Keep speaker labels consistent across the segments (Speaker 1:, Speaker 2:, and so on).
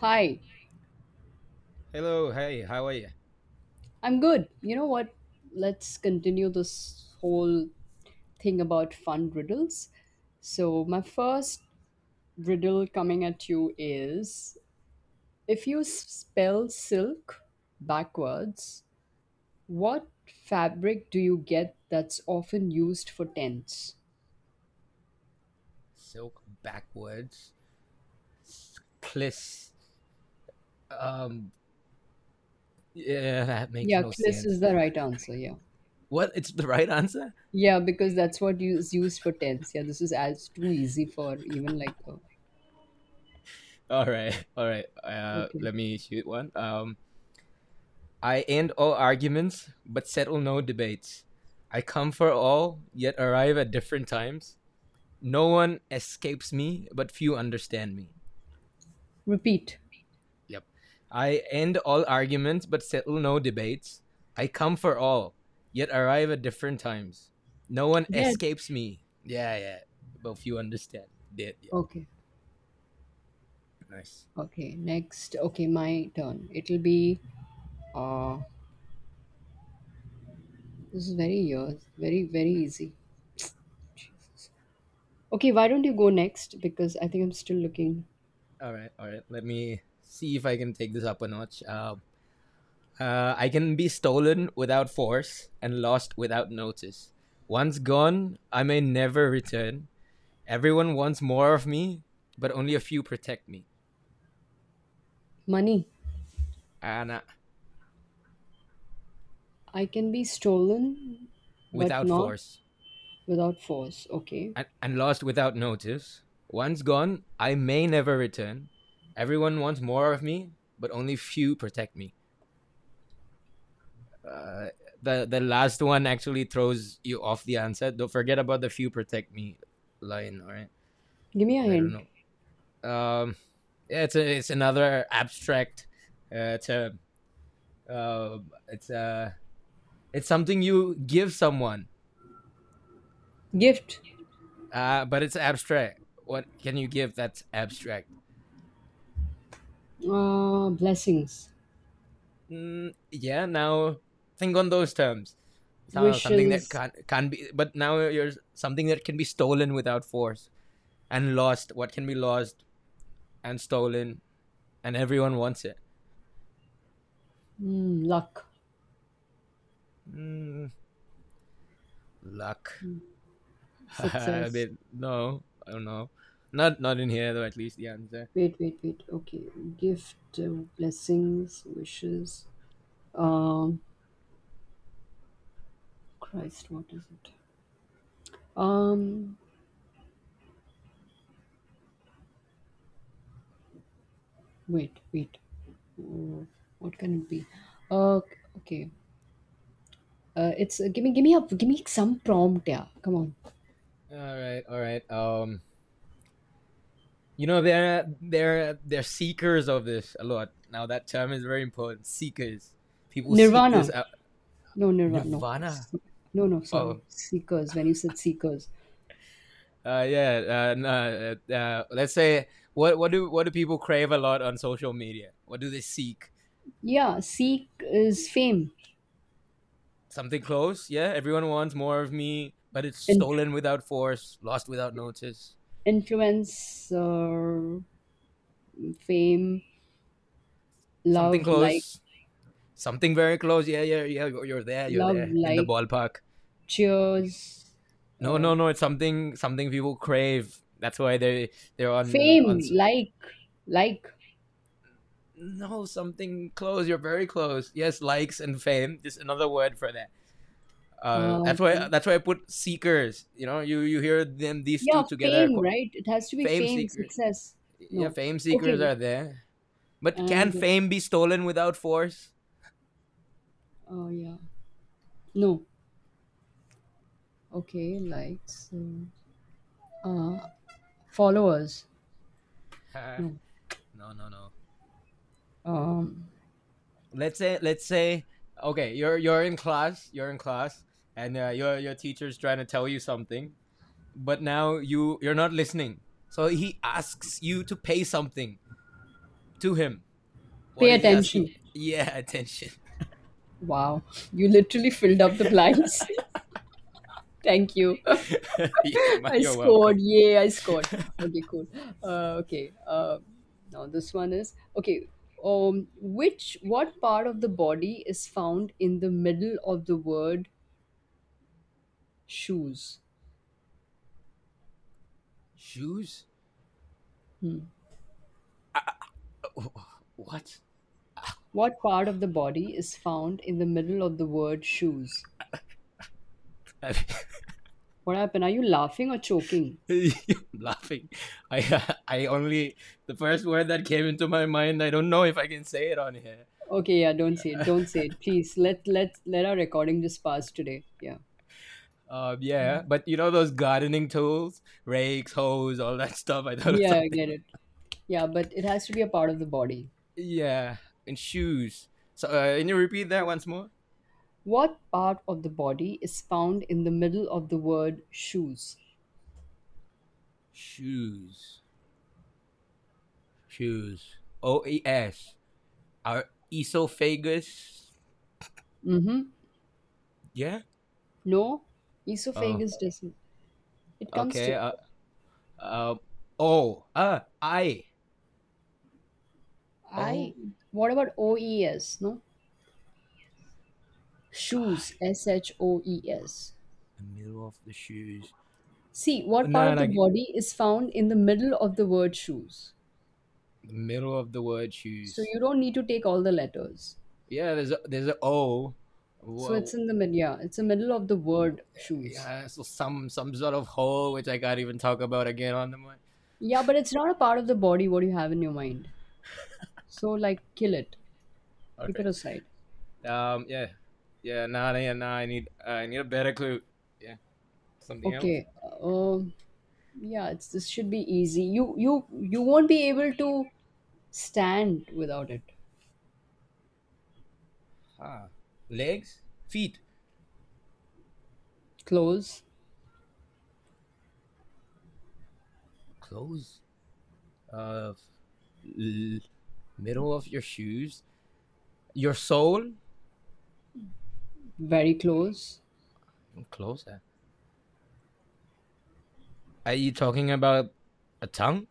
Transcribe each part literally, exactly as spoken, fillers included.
Speaker 1: Hi,
Speaker 2: Hello, hey, how are you?
Speaker 1: I'm good. You know what? Let's continue this whole thing about fun riddles. So, my first riddle coming at you is if you s- spell silk backwards, what fabric do you get that's often used for tents?
Speaker 2: Silk backwards. Cliss. Um, yeah, that makes
Speaker 1: Yeah,
Speaker 2: no
Speaker 1: Chris is
Speaker 2: sense.
Speaker 1: the right answer. Yeah.
Speaker 2: What? It's the right answer?
Speaker 1: Yeah, because that's what you- is used for tents. Yeah, this is as too easy for even like, oh,
Speaker 2: All right, all right. Uh,
Speaker 1: okay.
Speaker 2: let me shoot one. Um, I end all arguments, but settle no debates. I come for all, yet arrive at different times. No one escapes me, but few understand me.
Speaker 1: Repeat.
Speaker 2: Yep. I end all arguments but settle no debates. I come for all, yet arrive at different times. No one
Speaker 1: Dead.
Speaker 2: escapes me. Yeah, yeah. Both you understand. Did. Yep.
Speaker 1: Okay.
Speaker 2: Nice.
Speaker 1: Okay, next. Okay, my turn. It'll be uh this is very yours. Very, very easy. Jesus. Okay, why don't you go next? Because I think I'm still looking.
Speaker 2: All right. All right. Let me see if I can take this up a notch. Uh, uh, I can be stolen without force and lost without notice. Once gone, I may never return. Everyone wants more of me, but only a few protect me.
Speaker 1: Money.
Speaker 2: And uh,
Speaker 1: I can be stolen, but
Speaker 2: without
Speaker 1: not
Speaker 2: force,
Speaker 1: without force. Okay.
Speaker 2: and, and lost without notice. Once gone, I may never return. Everyone wants more of me, but only few protect me. Uh, the the last one actually throws you off the answer. Don't forget about the few protect me line, all right?
Speaker 1: Give me a
Speaker 2: Because I don't
Speaker 1: hint.
Speaker 2: know. Um, yeah, it's a, it's another abstract uh, term. Uh, it's uh, it's something you give someone,
Speaker 1: Gift.
Speaker 2: uh, but it's abstract. What can you give that's abstract?
Speaker 1: Uh, blessings.
Speaker 2: Mm, yeah, now think on those terms. So- something that
Speaker 1: Wishes.
Speaker 2: can't can be but now you're something that can be stolen without force and lost what can be lost and stolen and everyone wants it
Speaker 1: Hmm, luck.
Speaker 2: mm, luck. I
Speaker 1: Success.
Speaker 2: mean no, I don't know. Not not in here though, at least the answer.
Speaker 1: Wait, wait, wait. Okay. Gift, uh, blessings, wishes. Um, Christ, what is it? Um, wait, wait. Uh, what can it be? Uh, okay. Uh, it's uh, give me give me a give me some prompt. Yeah, come on.
Speaker 2: All right, all right. um you know, they're they're they're seekers of this a lot. Now that term is very important: seekers. People seek this
Speaker 1: Nirvana.
Speaker 2: out.
Speaker 1: No, Nirvana. No,
Speaker 2: Nirvana.
Speaker 1: Se- no, no.
Speaker 2: Oh.
Speaker 1: Sorry, Seekers. When you said Seekers,
Speaker 2: Uh, yeah. Uh, no, uh, uh, uh, let's say, what what do what do people crave a lot on social media? What do they seek?
Speaker 1: yeah, Seek is fame,
Speaker 2: Something close. Yeah, everyone wants more of me, but it's
Speaker 1: Inf-
Speaker 2: stolen without force, lost without notice.
Speaker 1: influence, uh, fame,
Speaker 2: Something
Speaker 1: love, like,
Speaker 2: close. Something very close. Yeah, yeah, yeah. You're there. You're
Speaker 1: love,
Speaker 2: there in the
Speaker 1: like,
Speaker 2: ballpark.
Speaker 1: cheers,
Speaker 2: No,
Speaker 1: uh,
Speaker 2: no, no. It's something something people crave. That's why they they're on on.
Speaker 1: fame, like, like.
Speaker 2: No, something close. You're very close. Yes, likes and fame. Just another word for that. Uh,
Speaker 1: Uh,
Speaker 2: that's why
Speaker 1: okay.
Speaker 2: that's why I put seekers. You know, you you hear them these two
Speaker 1: Yeah,
Speaker 2: together,
Speaker 1: fame, right? It has to be
Speaker 2: fame
Speaker 1: fame,
Speaker 2: seekers.
Speaker 1: success.
Speaker 2: Yeah,
Speaker 1: No.
Speaker 2: fame seekers
Speaker 1: Okay.
Speaker 2: are there. But can
Speaker 1: And
Speaker 2: fame be stolen without force?
Speaker 1: oh yeah. No. Okay, likes. Uh, uh, followers. No.
Speaker 2: No, no, no.
Speaker 1: Um
Speaker 2: Let's say let's say okay, you're you're in class, you're in class, and uh, your your teacher's trying to tell you something, but now you you're not listening. So he asks you to pay something to him. What
Speaker 1: pay
Speaker 2: is he asking?
Speaker 1: attention.
Speaker 2: Yeah, attention.
Speaker 1: Wow. You literally filled up the blanks. Thank you. I
Speaker 2: You're
Speaker 1: scored.
Speaker 2: welcome.
Speaker 1: Yay, I scored. Okay, cool. Uh, okay. Uh, now this one is okay. Um, which what part of the body is found in the middle of the word shoes?
Speaker 2: Shoes?
Speaker 1: Hmm.
Speaker 2: What?
Speaker 1: What part of the body is found in the middle of the word shoes?
Speaker 2: I
Speaker 1: What happened? Are you laughing or choking?
Speaker 2: mean, I'm laughing. I I only the first word that came into my mind. I don't know if I can say it on here.
Speaker 1: Okay, yeah, don't say it. Don't say it. Please let let let our recording just pass today. Yeah.
Speaker 2: Um, yeah, but you know those gardening tools, rakes, hoes, all that stuff. I thought of
Speaker 1: Yeah, I get
Speaker 2: something.
Speaker 1: it. Yeah, but it has to be a part of the body.
Speaker 2: Yeah, and shoes. So uh, can you repeat that once more?
Speaker 1: What part of the body is found in the middle of the word shoes?
Speaker 2: Shoes, shoes. O E S. Our esophagus.
Speaker 1: Mm-hmm.
Speaker 2: Yeah.
Speaker 1: No,
Speaker 2: Oh,
Speaker 1: esophagus doesn't. It comes
Speaker 2: okay.
Speaker 1: to
Speaker 2: Uh, um. O. Uh. I. O. I.
Speaker 1: I. What about O E S? No, shoes. S H O E S.
Speaker 2: The middle of the shoes.
Speaker 1: See, what part
Speaker 2: No, no,
Speaker 1: of the
Speaker 2: no,
Speaker 1: body is found in the middle of the word shoes?
Speaker 2: the middle of the word
Speaker 1: So
Speaker 2: shoes.
Speaker 1: you don't need to take all the letters.
Speaker 2: Yeah, there's a, there's a O.
Speaker 1: So
Speaker 2: Well,
Speaker 1: it's in the middle. Yeah, it's the middle of the word shoes.
Speaker 2: yeah, so some some sort of hole which I can't even talk about again on the mic.
Speaker 1: Yeah, but it's not a part of the body what you have in your mind. So like kill it.
Speaker 2: All
Speaker 1: Keep it
Speaker 2: right.
Speaker 1: aside.
Speaker 2: Um. Yeah. Yeah. Nah. nah, Yeah. Nah. I need. Uh, I need a better clue. Yeah. Something else.
Speaker 1: Okay. Uh, um, yeah, it's this should be easy. You you you won't be able to stand without it.
Speaker 2: Ah. Legs. Feet.
Speaker 1: Close,
Speaker 2: Clothes. Uh. l- middle of your shoes. Your soul.
Speaker 1: very close.
Speaker 2: I'm closer. Are you talking about a tongue?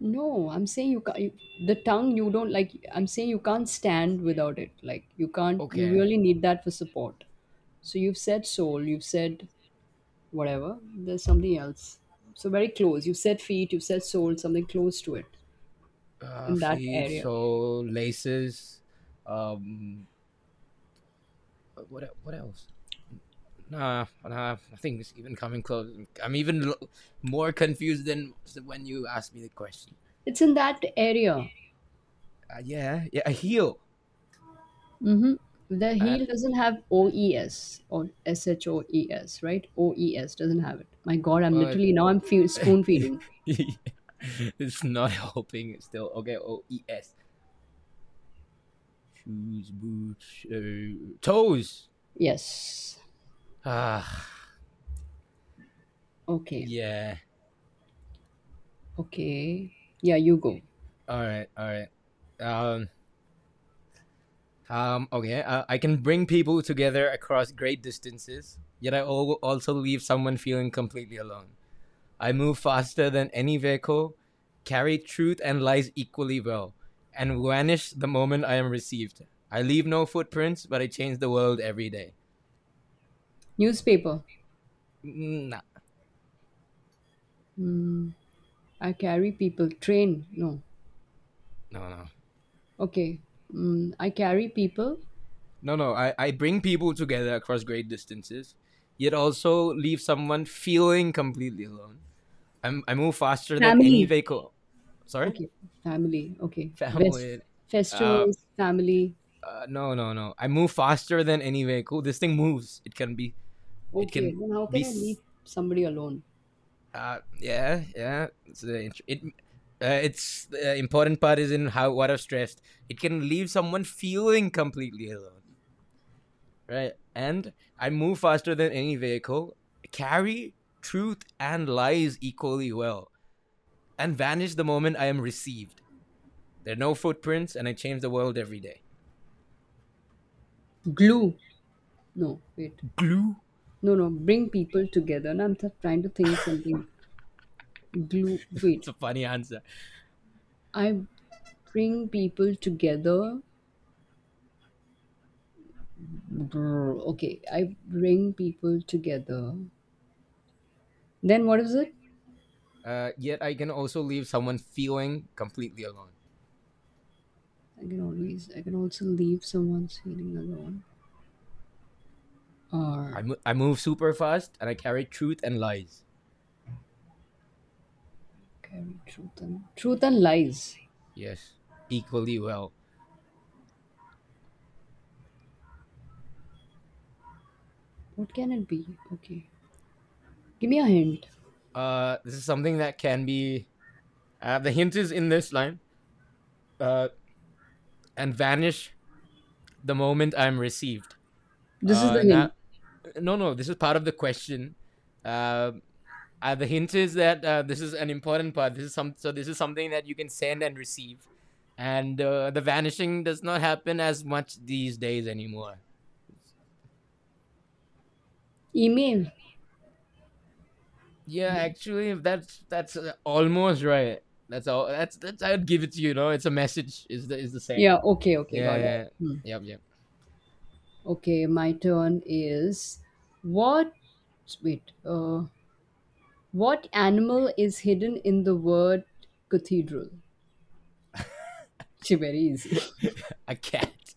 Speaker 1: No, I'm saying you can't. You, the tongue you don't like. I'm saying you can't stand without it. Like you can't. You
Speaker 2: Okay.
Speaker 1: really need that for support. So you've said soul. You've said whatever. There's something else. So very close. You've said feet. You've said soul. Something close to it
Speaker 2: uh,
Speaker 1: in that
Speaker 2: feet,
Speaker 1: area.
Speaker 2: so laces. Um, what e- what else? Nah, nah. I think it's even coming close. I'm even lo- more confused than when you asked me the question.
Speaker 1: It's in that area.
Speaker 2: Uh, yeah, yeah, a heel.
Speaker 1: Mm-hmm. The
Speaker 2: And
Speaker 1: heel doesn't have O E S or S H O E S, right? O E S doesn't have it. My God, I'm
Speaker 2: uh,
Speaker 1: literally now I'm fe- spoon feeding.
Speaker 2: it's not helping. It's still okay. O E S. Shoes, boots, uh, toes.
Speaker 1: Yes.
Speaker 2: Ah,
Speaker 1: Okay.
Speaker 2: yeah.
Speaker 1: Okay. Yeah, you go.
Speaker 2: All right, all right. Um, Um, okay, uh, I can bring people together across great distances, yet I al- also leave someone feeling completely alone. I move faster than any vehicle, carry truth and lies equally well, and vanish the moment I am received. I leave no footprints, but I change the world every day.
Speaker 1: Newspaper.
Speaker 2: Mm, nah,
Speaker 1: Mm, I carry people. Train. No.
Speaker 2: no, no.
Speaker 1: Okay. Mm, I carry people.
Speaker 2: No, no, I, I bring people together across great distances, yet also leave someone feeling completely alone. I'm, I move faster than any
Speaker 1: Family.
Speaker 2: vehicle. Sorry?
Speaker 1: Okay. Family. Okay. West.
Speaker 2: Family. Uh,
Speaker 1: Festivals. Family.
Speaker 2: uh, no, no, no. I move faster than any vehicle. This thing moves. It can be. It
Speaker 1: Okay.
Speaker 2: can
Speaker 1: Then how can
Speaker 2: be.
Speaker 1: I leave somebody alone?
Speaker 2: Uh, yeah, yeah. It's the it. Uh, it's the important part is in how what I've stressed. It can leave someone feeling completely alone, right? And I move faster than any vehicle. Carry truth and lies equally well, and vanish the moment I am received. There are no footprints, and I change the world every day.
Speaker 1: Glue. No. Wait.
Speaker 2: Glue.
Speaker 1: No, no. Bring people together. And I'm th- trying to think something. Glue.
Speaker 2: It's
Speaker 1: Wait.
Speaker 2: a funny answer.
Speaker 1: I bring people together. Brr, okay. I bring people together. Then what is it?
Speaker 2: Uh, yet I can also leave someone feeling completely alone.
Speaker 1: I can always I can also leave someone's feeling alone or
Speaker 2: I, mo- I move super fast and I carry truth and lies.
Speaker 1: carry truth and truth and lies.
Speaker 2: Yes, equally well.
Speaker 1: What can it be? Okay. Give me a hint.
Speaker 2: Uh, this is something that can be. Uh, the hint is in this line. Uh, and vanish the moment I'm received.
Speaker 1: This is
Speaker 2: Uh,
Speaker 1: the
Speaker 2: now,
Speaker 1: hint.
Speaker 2: no, no, this is part of the question. Uh, uh, the hint is that uh, this is an important part. This is some, so this is something that you can send and receive, and uh, the vanishing does not happen as much these days anymore.
Speaker 1: Email.
Speaker 2: Yeah, actually, that's that's uh, almost right. That's all. That's that's. I'd give it to you. You know, it's a message. Is the is the same.
Speaker 1: Yeah, okay, okay,
Speaker 2: Yeah,
Speaker 1: got it.
Speaker 2: yeah, yeah.
Speaker 1: Hmm.
Speaker 2: Yep, yep.
Speaker 1: Okay, my turn is what wait, uh what animal is hidden in the word cathedral? It's very easy.
Speaker 2: A cat.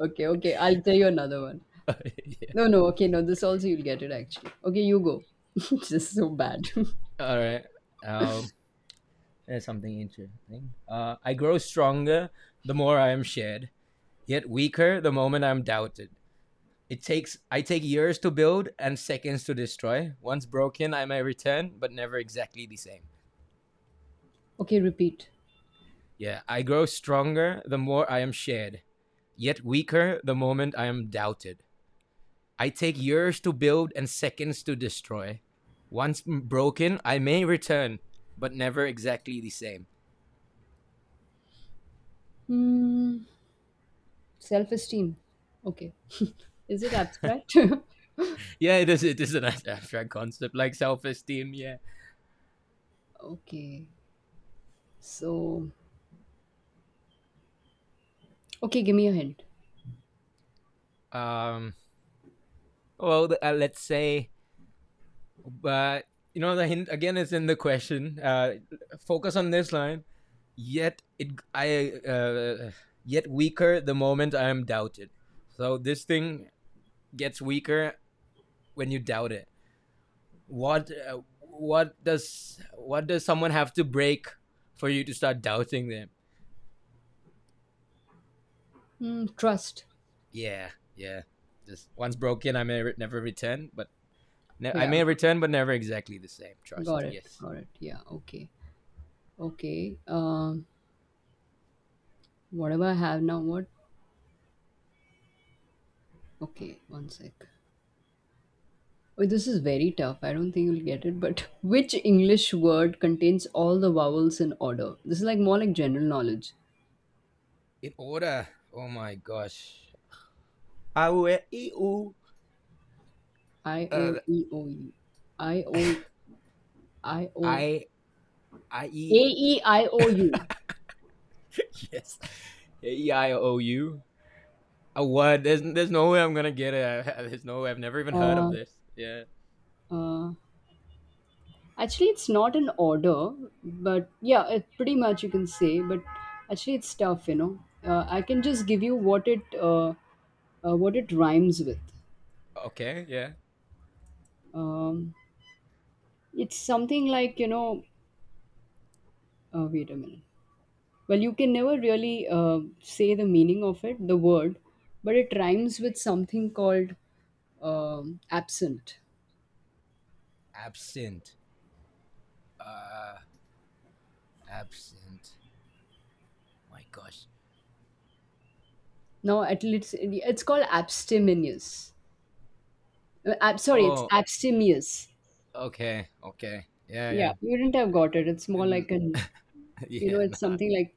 Speaker 1: Okay, okay, I'll tell you another one.
Speaker 2: Yeah.
Speaker 1: No, no, okay, no, this also you'll get it actually. Okay, you go. This is so bad.
Speaker 2: All right. Um, there's something interesting. Uh, I grow stronger the more I am shared, yet weaker the moment I'm doubted. It takes I take years to build and seconds to destroy. Once broken, I may return, but never exactly the same.
Speaker 1: Okay, repeat.
Speaker 2: Yeah, I grow stronger the more I am shared, yet weaker the moment I am doubted. I take years to build and seconds to destroy. Once broken, I may return, but never exactly the same.
Speaker 1: Hmm, self esteem. Okay. Is it abstract?
Speaker 2: Yeah, it is. It is a nice abstract concept, like self-esteem. Yeah.
Speaker 1: Okay, so, okay, give me a hint.
Speaker 2: Um. Well, uh, let's say, but uh, you know, the hint again is in the question. Uh, focus on this line. Yet it, I, uh, yet weaker the moment I am doubted. So this thing gets weaker when you doubt it. what uh, what does what does someone have to break for you to start doubting them?
Speaker 1: Hmm, trust.
Speaker 2: Yeah, yeah. Just once broken, I may re- never return, but ne- I
Speaker 1: Yeah,
Speaker 2: may return, but never exactly the same.
Speaker 1: got
Speaker 2: Trust.
Speaker 1: it,
Speaker 2: Yes.
Speaker 1: got it. Yeah, okay. Okay, um, whatever I have now, what? Okay, one sec. Oh, this is very tough. I don't think you'll get it, but which English word contains all the vowels in order? This is like more like general knowledge.
Speaker 2: In order. Oh my gosh. I will e u
Speaker 1: I O
Speaker 2: uh
Speaker 1: E O U. I O E, I O
Speaker 2: I I e
Speaker 1: A E I O U.
Speaker 2: yes, E I O U. A word. There's there's no way I'm gonna get it. There's no way. I've never even heard of
Speaker 1: Uh,
Speaker 2: this. Yeah.
Speaker 1: uh, actually, it's not an order, but yeah, it, pretty much you can say. But actually, it's tough, you know. Uh, I can just give you what it uh, uh, what it rhymes with.
Speaker 2: Okay. Yeah.
Speaker 1: Um, it's something like you know. Uh, wait a minute. Well, you can never really uh, say the meaning of it, the word, but it rhymes with something called um absent.
Speaker 2: Absent. Uh Absent. My gosh.
Speaker 1: No, at least it's called abstemious. Uh, ab- sorry, it's
Speaker 2: Oh,
Speaker 1: abstemious.
Speaker 2: okay, okay. Yeah, yeah.
Speaker 1: Yeah, you wouldn't have got it. It's more like an, you know,
Speaker 2: Yeah,
Speaker 1: it's
Speaker 2: nah.
Speaker 1: something like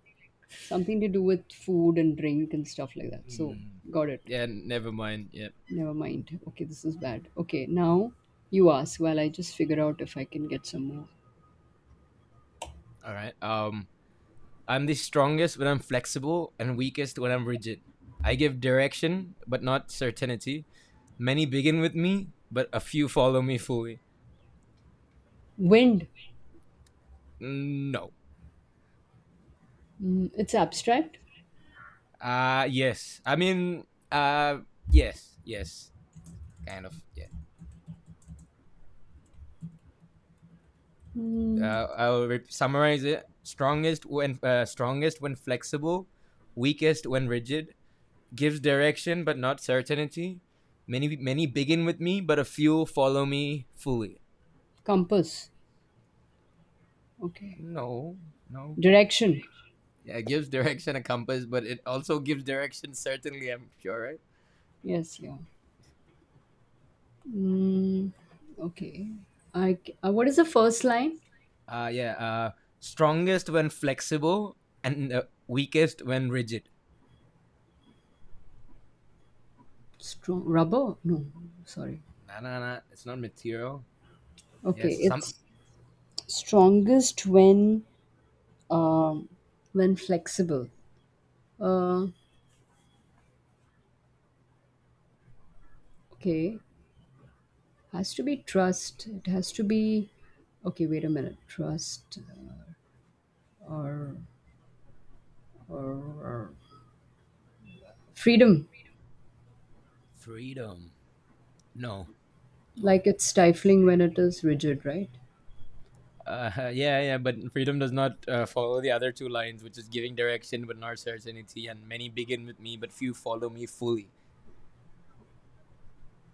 Speaker 1: something to do with food and drink and stuff like that. So,
Speaker 2: Mm,
Speaker 1: got it.
Speaker 2: yeah, never mind. Yeah.
Speaker 1: Never mind. Okay, this is bad. Okay, now you ask while I just figure out if I can get some more.
Speaker 2: All right. Um, I'm the strongest when I'm flexible and weakest when I'm rigid. I give direction, but not certainty. Many begin with me, but a few follow me fully.
Speaker 1: Wind.
Speaker 2: Mm, no.
Speaker 1: Mm, it's abstract.
Speaker 2: Uh, yes. I mean, uh, yes, yes. Kind of, yeah.
Speaker 1: Mm,
Speaker 2: uh, I'll summarize it: strongest when uh, strongest when flexible, weakest when rigid. Gives direction but not certainty. Many many begin with me, but a few follow me fully.
Speaker 1: compass. Okay.
Speaker 2: No, no.
Speaker 1: Direction.
Speaker 2: Yeah, it gives direction a compass, but it also gives direction certainly. I'm sure, right?
Speaker 1: Yes, yeah. Mm, okay. I, c- uh, what is the first line?
Speaker 2: Uh, yeah. Uh, strongest when flexible and uh, weakest when rigid.
Speaker 1: Strong rubber? No, sorry.
Speaker 2: Nah, nah, nah. It's not material. Yes,
Speaker 1: Okay,
Speaker 2: some
Speaker 1: it's strongest when um, when flexible. Uh, okay, has to be trust. It has to be okay. Wait a minute. Trust or or, or freedom.
Speaker 2: freedom. No, no.
Speaker 1: Like it's stifling when it is rigid, right?
Speaker 2: Uh, yeah, yeah, but freedom does not uh, follow the other two lines, which is giving direction but not certainty, and many begin with me, but few follow me fully,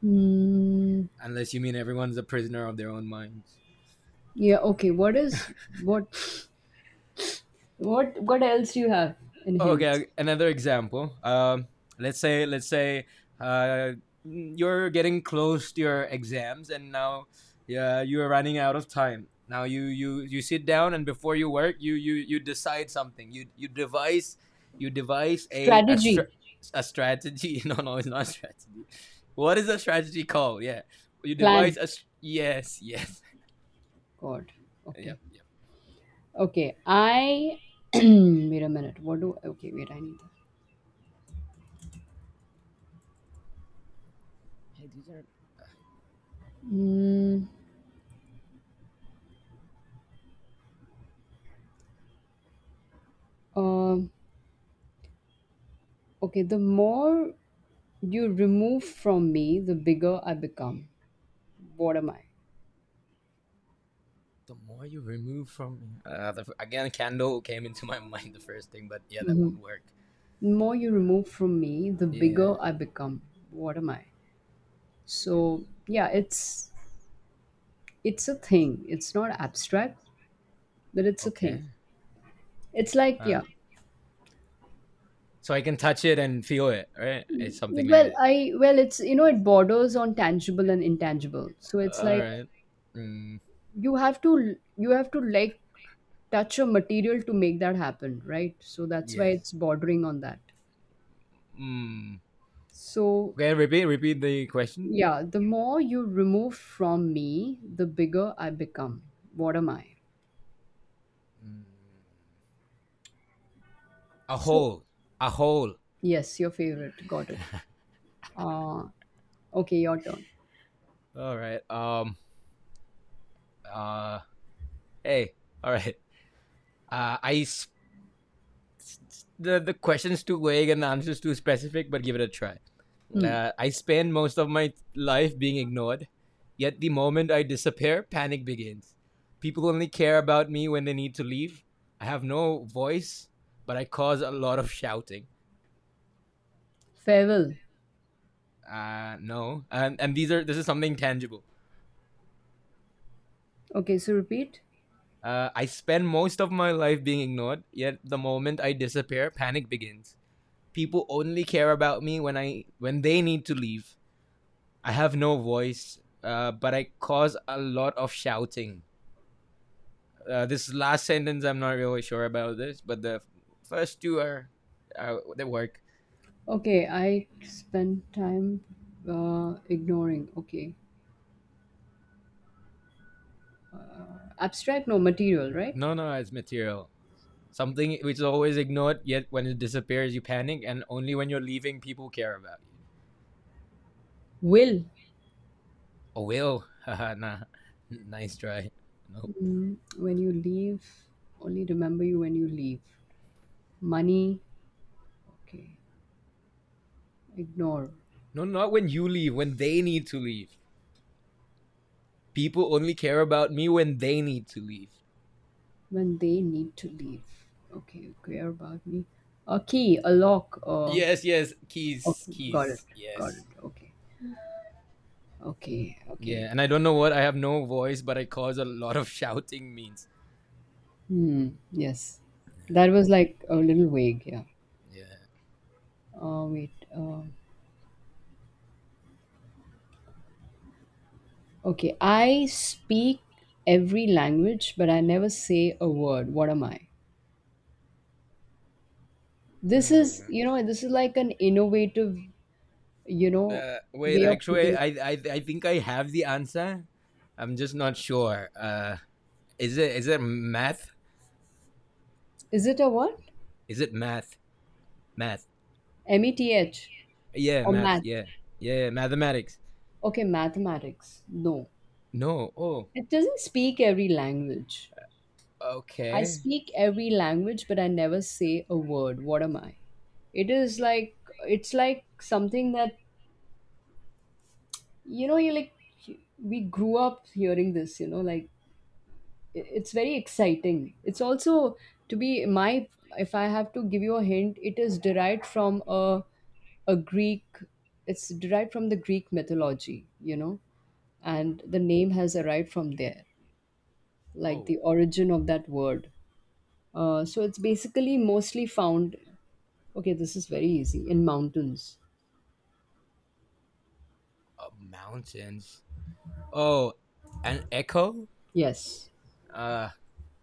Speaker 1: Hmm.
Speaker 2: unless you mean everyone's a prisoner of their own minds.
Speaker 1: Yeah. Okay. What is what? What? What else do you have in hints?
Speaker 2: Okay, another example. Um, let's say let's say uh, you're getting close to your exams, and now yeah, you're running out of time. Now you you you sit down, and before you work, you you you decide something. You you devise you devise a a,
Speaker 1: Strategy,
Speaker 2: stra- a strategy. No, no, it's not a strategy. What is a strategy called? Yeah, you devise
Speaker 1: plan.
Speaker 2: a s- yes, yes,
Speaker 1: God. Okay.
Speaker 2: yep, yep.
Speaker 1: Okay, I wait a minute. What do okay? Wait, I need that.
Speaker 2: Hey, these are
Speaker 1: Mm, um, okay, the more you remove from me, the bigger I become. What am I?
Speaker 2: the more you remove from me. Uh, the, again, candle came into my mind the first thing, but yeah, that
Speaker 1: Hmm.
Speaker 2: won't work.
Speaker 1: The more you remove from me, the
Speaker 2: Yeah.
Speaker 1: bigger I become. What am I? So yeah, it's it's a thing. It's not abstract, but it's a
Speaker 2: Okay.
Speaker 1: thing. It's like
Speaker 2: Huh.
Speaker 1: yeah.
Speaker 2: So I can touch it and feel it, right? It's something like
Speaker 1: Well,
Speaker 2: that.
Speaker 1: I well, it's you know, it borders on tangible and intangible. So it's
Speaker 2: All
Speaker 1: like
Speaker 2: right. Mm,
Speaker 1: you have to you have to like touch of material to make that happen, right? So that's why
Speaker 2: yes.
Speaker 1: it's bordering on that.
Speaker 2: Mm.
Speaker 1: So,
Speaker 2: Okay, repeat, repeat the question.
Speaker 1: yeah, the more you remove from me, the bigger I become. What am I?
Speaker 2: Mm. A
Speaker 1: So,
Speaker 2: hole. A hole.
Speaker 1: yes, your favorite. Got it. Uh, okay, your turn.
Speaker 2: All right. Um. Uh. Hey. All right. Uh. I s- the the questions too vague and the answers too specific, but give it a try.
Speaker 1: Hmm.
Speaker 2: Uh, I spend most of my life being ignored, yet the moment I disappear, panic begins. People only care about me when they need to leave. I have no voice, but I cause a lot of shouting.
Speaker 1: Farewell.
Speaker 2: Uh, no, and and these are this is something tangible.
Speaker 1: Okay, so repeat.
Speaker 2: Uh, I spend most of my life being ignored, yet the moment I disappear, panic begins. People only care about me when I when they need to leave. I have no voice, uh, but I cause a lot of shouting. Uh, this last sentence, I'm not really sure about this, but the first two are, are they work.
Speaker 1: Okay, I spend time uh, ignoring. Okay. Abstract, no, material, right?
Speaker 2: No, no, it's material. Something which is always ignored, yet when it disappears, you panic, and only when you're leaving, people care about you.
Speaker 1: Will.
Speaker 2: Oh, will. Haha, nah. Nice try. Nope.
Speaker 1: Mm, when you leave, only remember you when you leave. Money, okay. Ignore.
Speaker 2: No, not when you leave, when they need to leave. People only care about me when they need to leave.
Speaker 1: When they need to leave. Okay. Care about me. A key, a lock, uh
Speaker 2: Yes, yes, keys,
Speaker 1: okay, got it.
Speaker 2: keys,
Speaker 1: Got it.
Speaker 2: yes.
Speaker 1: Okay. Okay.
Speaker 2: Yeah,
Speaker 1: Okay.
Speaker 2: and I don't know what I have no voice, but I cause a lot of shouting means.
Speaker 1: Hmm. Yes. That was like a little vague, yeah.
Speaker 2: Yeah.
Speaker 1: Uh wait. Uh, okay. I speak every language, but I never say a word. What am I? This is,
Speaker 2: Hmm.
Speaker 1: you know, this is like an innovative, you know,
Speaker 2: Uh, wait,
Speaker 1: way of putting
Speaker 2: actually, I,
Speaker 1: it.
Speaker 2: I I think I have the answer. I'm just not sure. Uh, is it is it math?
Speaker 1: Is it a what?
Speaker 2: Is it math? Math?
Speaker 1: M E T H
Speaker 2: Yeah,
Speaker 1: or
Speaker 2: math.
Speaker 1: math?
Speaker 2: Yeah, yeah, yeah, mathematics.
Speaker 1: Okay, mathematics. No.
Speaker 2: No. Oh,
Speaker 1: It doesn't speak every language. I
Speaker 2: okay.
Speaker 1: speak every language, but I never say a word. What am I? It is like, it's like something that, you know, you like, we grew up hearing this, you know, like, i- it's very exciting. It's also, to be my, if I have to give you a hint, it is derived from a, a Greek, it's derived from the Greek mythology, you know, and the name has arrived from there. Like
Speaker 2: Oh,
Speaker 1: the origin of that word. Uh, so it's basically mostly found, okay, this is very easy, in mountains.
Speaker 2: uh, mountains. Oh, an echo.
Speaker 1: Yes,
Speaker 2: Uh,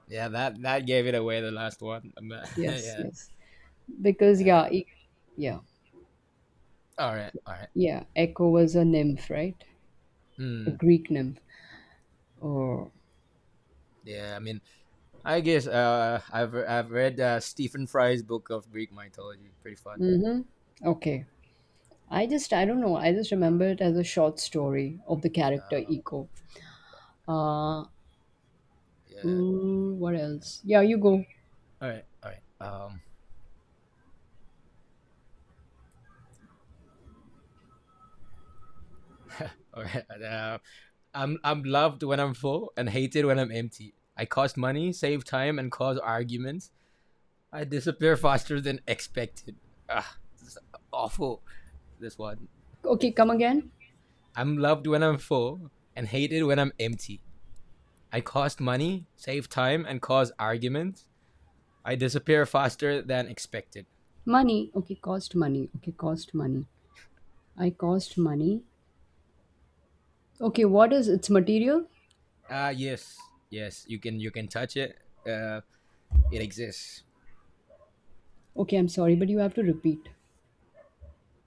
Speaker 2: yeah. That that gave it away. The last one.
Speaker 1: yes,
Speaker 2: yeah.
Speaker 1: yes. Because,
Speaker 2: Yeah.
Speaker 1: yeah, e- yeah,
Speaker 2: All right. All right.
Speaker 1: yeah, Echo was a nymph, right? A
Speaker 2: Hmm.
Speaker 1: Greek nymph. Oh,
Speaker 2: Yeah, I mean, I guess uh, I've I've read uh, Stephen Fry's book of Greek mythology. Pretty fun.
Speaker 1: okay. I just, I don't know, I just remember it as a short story of the character
Speaker 2: Uh,
Speaker 1: Echo. Uh,
Speaker 2: yeah.
Speaker 1: ooh, what
Speaker 2: All right.
Speaker 1: else? Yeah, you go.
Speaker 2: All right. All right. Um. All right. Uh, I'm I'm loved when I'm full and hated when I'm empty. I cost money, save time, and cause arguments. I disappear faster than expected. Ah, this is awful. This one.
Speaker 1: Okay, come again.
Speaker 2: I'm loved when I'm full and hated when I'm empty. I cost money, save time, and cause arguments. I disappear faster than expected.
Speaker 1: Money. Okay, cost money. Okay, cost money. I cost money. Okay, what is its material?
Speaker 2: Ah, yes, yes. You can you can touch it. Uh, it exists.
Speaker 1: Okay, I'm sorry, but you have to repeat.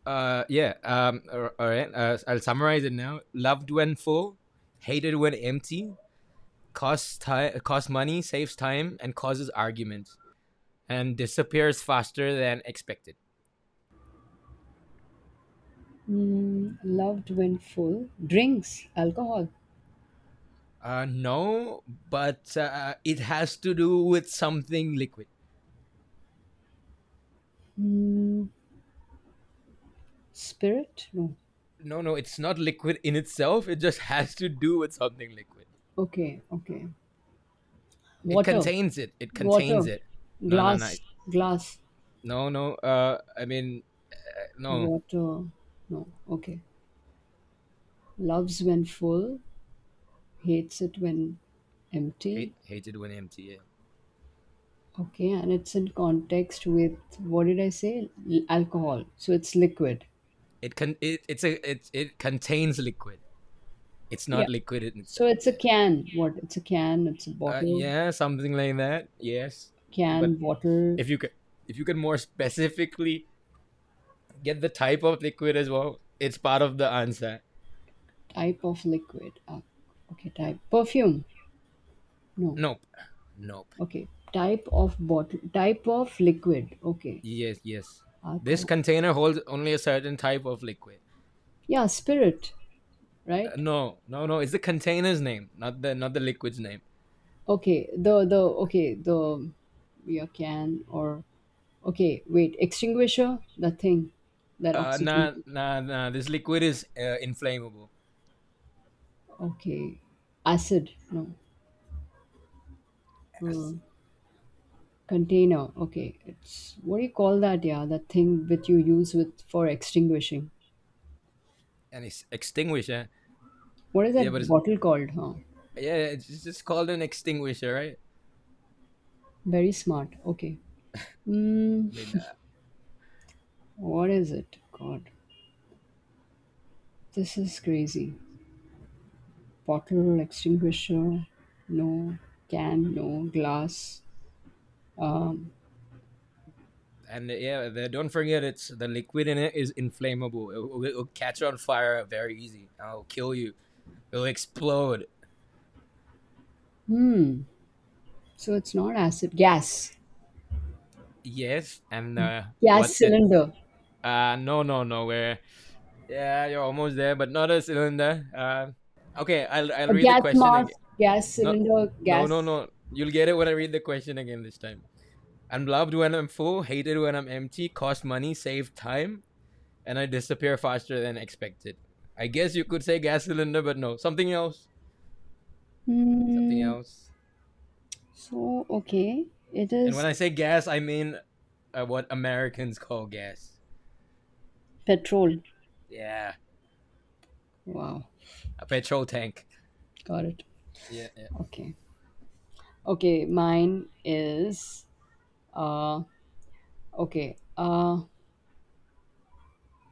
Speaker 2: Uh, yeah. Um, all all right. Uh, I'll summarize it now. Loved when full, hated when empty. Costs time, costs money, saves time, and causes arguments, and disappears faster than expected.
Speaker 1: Mm, loved when full. Drinks, alcohol.
Speaker 2: Uh, no, but uh, it has to do with something liquid.
Speaker 1: Mm, spirit? No.
Speaker 2: No, no, it's not liquid in itself. It just has to do with something liquid.
Speaker 1: Okay, okay.
Speaker 2: It
Speaker 1: Water,
Speaker 2: contains it. It contains
Speaker 1: water.
Speaker 2: it. No, no, no.
Speaker 1: Glass, glass.
Speaker 2: No, no. Uh, I mean, no.
Speaker 1: Water. No. Okay. Loves when full, hates it when
Speaker 2: Hate,
Speaker 1: empty.
Speaker 2: hated when empty. Yeah.
Speaker 1: Okay, and it's in context with what did I say? L- alcohol. So it's liquid.
Speaker 2: It con. It, it's a. It it contains liquid. It's not
Speaker 1: Yeah.
Speaker 2: liquid in
Speaker 1: So
Speaker 2: itself.
Speaker 1: it's a
Speaker 2: Yeah.
Speaker 1: can. What? It's a can. It's a
Speaker 2: Uh,
Speaker 1: bottle.
Speaker 2: yeah, something like that. Yes, but
Speaker 1: Can bottle
Speaker 2: if you could, if you could more specifically get the type of liquid as well, it's part of the answer.
Speaker 1: type of liquid. Ah, okay. Type perfume. No.
Speaker 2: Nope. Nope.
Speaker 1: Okay. Type of bottle. Type of liquid. Okay.
Speaker 2: Yes. Yes. This
Speaker 1: Alcohol.
Speaker 2: container holds only a certain type of liquid.
Speaker 1: Yeah. Spirit.
Speaker 2: Uh,
Speaker 1: Right.
Speaker 2: no. No. No. It's the container's name, not the not the liquid's name.
Speaker 1: Okay. The the okay the yeah can or okay wait extinguisher the thing that
Speaker 2: Uh,
Speaker 1: oxygen.
Speaker 2: nah, nah, nah. This liquid is uh, inflammable,
Speaker 1: Okay. Acid. No. Uh,
Speaker 2: Yes.
Speaker 1: container. Okay. It's what do you call that? Yeah, that thing that you use with for extinguishing.
Speaker 2: and it's extinguisher.
Speaker 1: What is
Speaker 2: Yeah, but
Speaker 1: that
Speaker 2: it's
Speaker 1: bottle called? Huh?
Speaker 2: yeah, it's just called an extinguisher, right?
Speaker 1: Very smart. Okay.
Speaker 2: I
Speaker 1: Mm,
Speaker 2: mean, uh,
Speaker 1: what is it? God, this is crazy. Bottle extinguisher. No can. No glass. Um,
Speaker 2: and uh, yeah, the, don't forget it's the liquid in it is inflammable. It, will it'll catch on fire very easy. It'll kill you. It'll explode.
Speaker 1: hmm. So it's not acid. Gas.
Speaker 2: Yes, and uh,
Speaker 1: Gas
Speaker 2: what's it?
Speaker 1: cylinder.
Speaker 2: Uh, no, no, no. Where? Yeah, you're almost there, but not a cylinder. Uh, okay, I'll I'll
Speaker 1: A
Speaker 2: read the
Speaker 1: gas
Speaker 2: question again.
Speaker 1: mask. Gas
Speaker 2: No,
Speaker 1: cylinder.
Speaker 2: no, no,
Speaker 1: Gas.
Speaker 2: no. You'll get it when I read the question again this time. I'm loved when I'm full, hated when I'm empty, cost money, save time, and I disappear faster than expected. I guess you could say gas cylinder, but no, something else. Something
Speaker 1: Hmm.
Speaker 2: else.
Speaker 1: So okay. It
Speaker 2: And when
Speaker 1: is
Speaker 2: I say gas, I mean uh, what Americans call gas.
Speaker 1: petrol.
Speaker 2: Yeah,
Speaker 1: Wow.
Speaker 2: a petrol tank.
Speaker 1: Got it.
Speaker 2: Yeah, yeah.
Speaker 1: Okay. Okay, mine is uh okay. Uh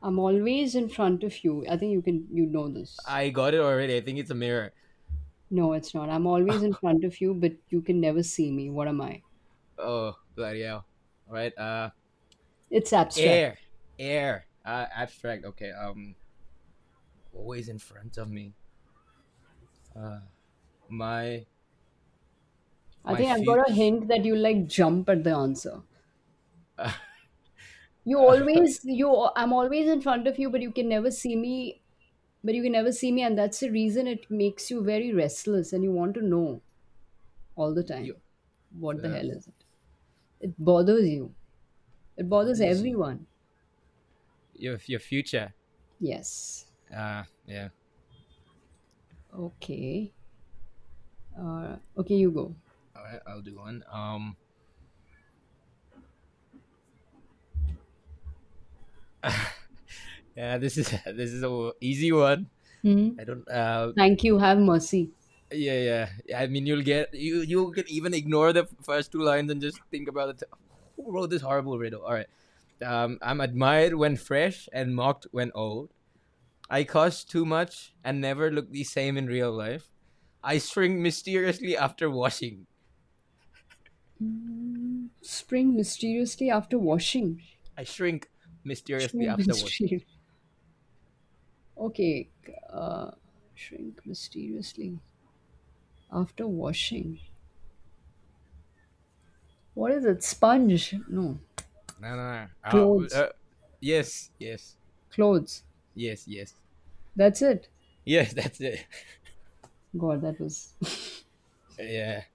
Speaker 1: I'm always in front of you. I think you can you know this.
Speaker 2: I got it already. I think it's a mirror.
Speaker 1: No, it's not. I'm always in front of you, but you can never see me. What am I?
Speaker 2: Oh, bloody hell. All right, uh,
Speaker 1: It's abstract.
Speaker 2: air. Air. Uh, abstract. Okay, um, always in front of me. Uh, my,
Speaker 1: I
Speaker 2: my
Speaker 1: think I've got a
Speaker 2: future.
Speaker 1: hint that you like jump at the answer. You
Speaker 2: Uh, uh,
Speaker 1: always you I'm always in front of you, but you can never see me. But you can never see me, and that's the reason it makes you very restless and you want to know all the
Speaker 2: your
Speaker 1: time. What the
Speaker 2: uh,
Speaker 1: hell is it? It bothers you. It
Speaker 2: what
Speaker 1: bothers
Speaker 2: is you?
Speaker 1: everyone.
Speaker 2: Your your future.
Speaker 1: Yes.
Speaker 2: Uh, yeah.
Speaker 1: Okay. Uh, okay, you go.
Speaker 2: All right, I'll do one. Um, yeah, this is this is a easy one.
Speaker 1: Hmm.
Speaker 2: I don't. Uh,
Speaker 1: Thank you. Have mercy.
Speaker 2: yeah, yeah. I mean, you'll get you you can even ignore the first two lines and just think about it. Who wrote this horrible riddle? All right. Um, I'm admired when fresh and mocked when old. I cost too much and never look the same in real life. I shrink mysteriously after washing.
Speaker 1: Hmm. Spring mysteriously after washing.
Speaker 2: I shrink mysteriously
Speaker 1: Shrink
Speaker 2: after washing.
Speaker 1: mysteriously. Okay. Uh, shrink mysteriously after washing. What is it? Sponge? No.
Speaker 2: No, no, no. Uh,
Speaker 1: Clothes.
Speaker 2: uh, yes, yes,
Speaker 1: Clothes.
Speaker 2: yes, yes,
Speaker 1: That's it.
Speaker 2: yes. That's it.
Speaker 1: God, that was
Speaker 2: Yeah,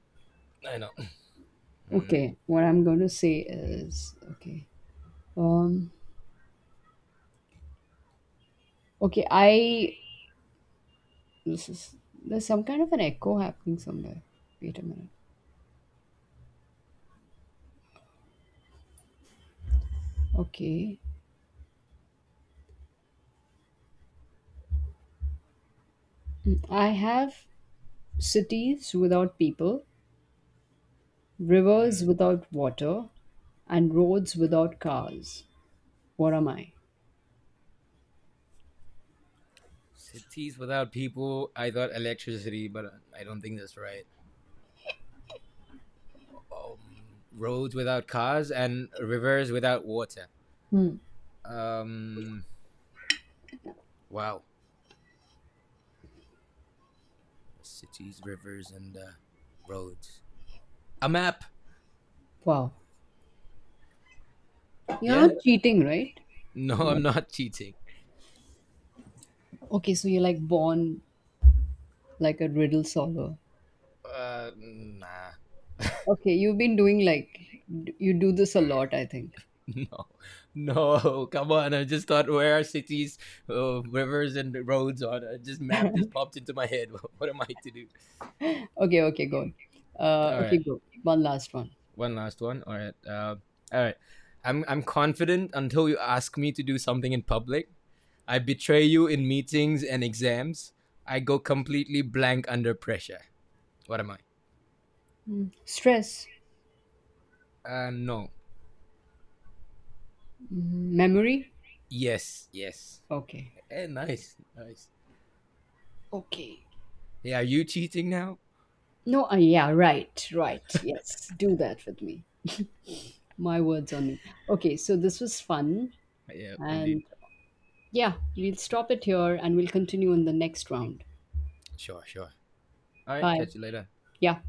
Speaker 2: I know. Mm,
Speaker 1: okay. What I'm going to say is okay. Um. Okay. I This is there's some kind of an echo happening somewhere. Wait a minute. Okay. I have cities without people,
Speaker 2: hmm.
Speaker 1: rivers without water, and roads without cars. What am I?
Speaker 2: Cities without people. I thought electricity, but I don't think that's right. Um, roads without cars and rivers without water.
Speaker 1: Hmm.
Speaker 2: Um. Wow. Cities, rivers, and uh, roads. A map.
Speaker 1: Wow. You're not
Speaker 2: Yeah.
Speaker 1: cheating, right?
Speaker 2: No,
Speaker 1: Yeah.
Speaker 2: I'm not cheating.
Speaker 1: Okay, so you're like born like a riddle solver.
Speaker 2: Uh, nah.
Speaker 1: Okay, you've been doing like d- you do this a lot, I think.
Speaker 2: No, no, come on. I just thought where are cities, uh, rivers, and roads on. I just map just popped into my head. What am I to do?
Speaker 1: Okay, okay, good. Uh,
Speaker 2: All
Speaker 1: okay,
Speaker 2: right,
Speaker 1: go. One last one.
Speaker 2: one last one. All right, uh, all right. I'm I'm confident until you ask me to do something in public. I betray you in meetings and exams. I go completely blank under pressure. What am I?
Speaker 1: Stress,
Speaker 2: Uh, no.
Speaker 1: mm, memory.
Speaker 2: Yes, yes.
Speaker 1: Okay.
Speaker 2: Eh, nice, nice.
Speaker 1: Okay.
Speaker 2: Yeah, are you cheating now?
Speaker 1: No, uh, yeah, right, right. Yes, do that with me. My words on me. Okay, so this was fun.
Speaker 2: Yeah, indeed.
Speaker 1: And yeah, we'll stop it here and we'll continue in the next round.
Speaker 2: Sure, sure. All right,
Speaker 1: Bye.
Speaker 2: catch you later.
Speaker 1: Yeah.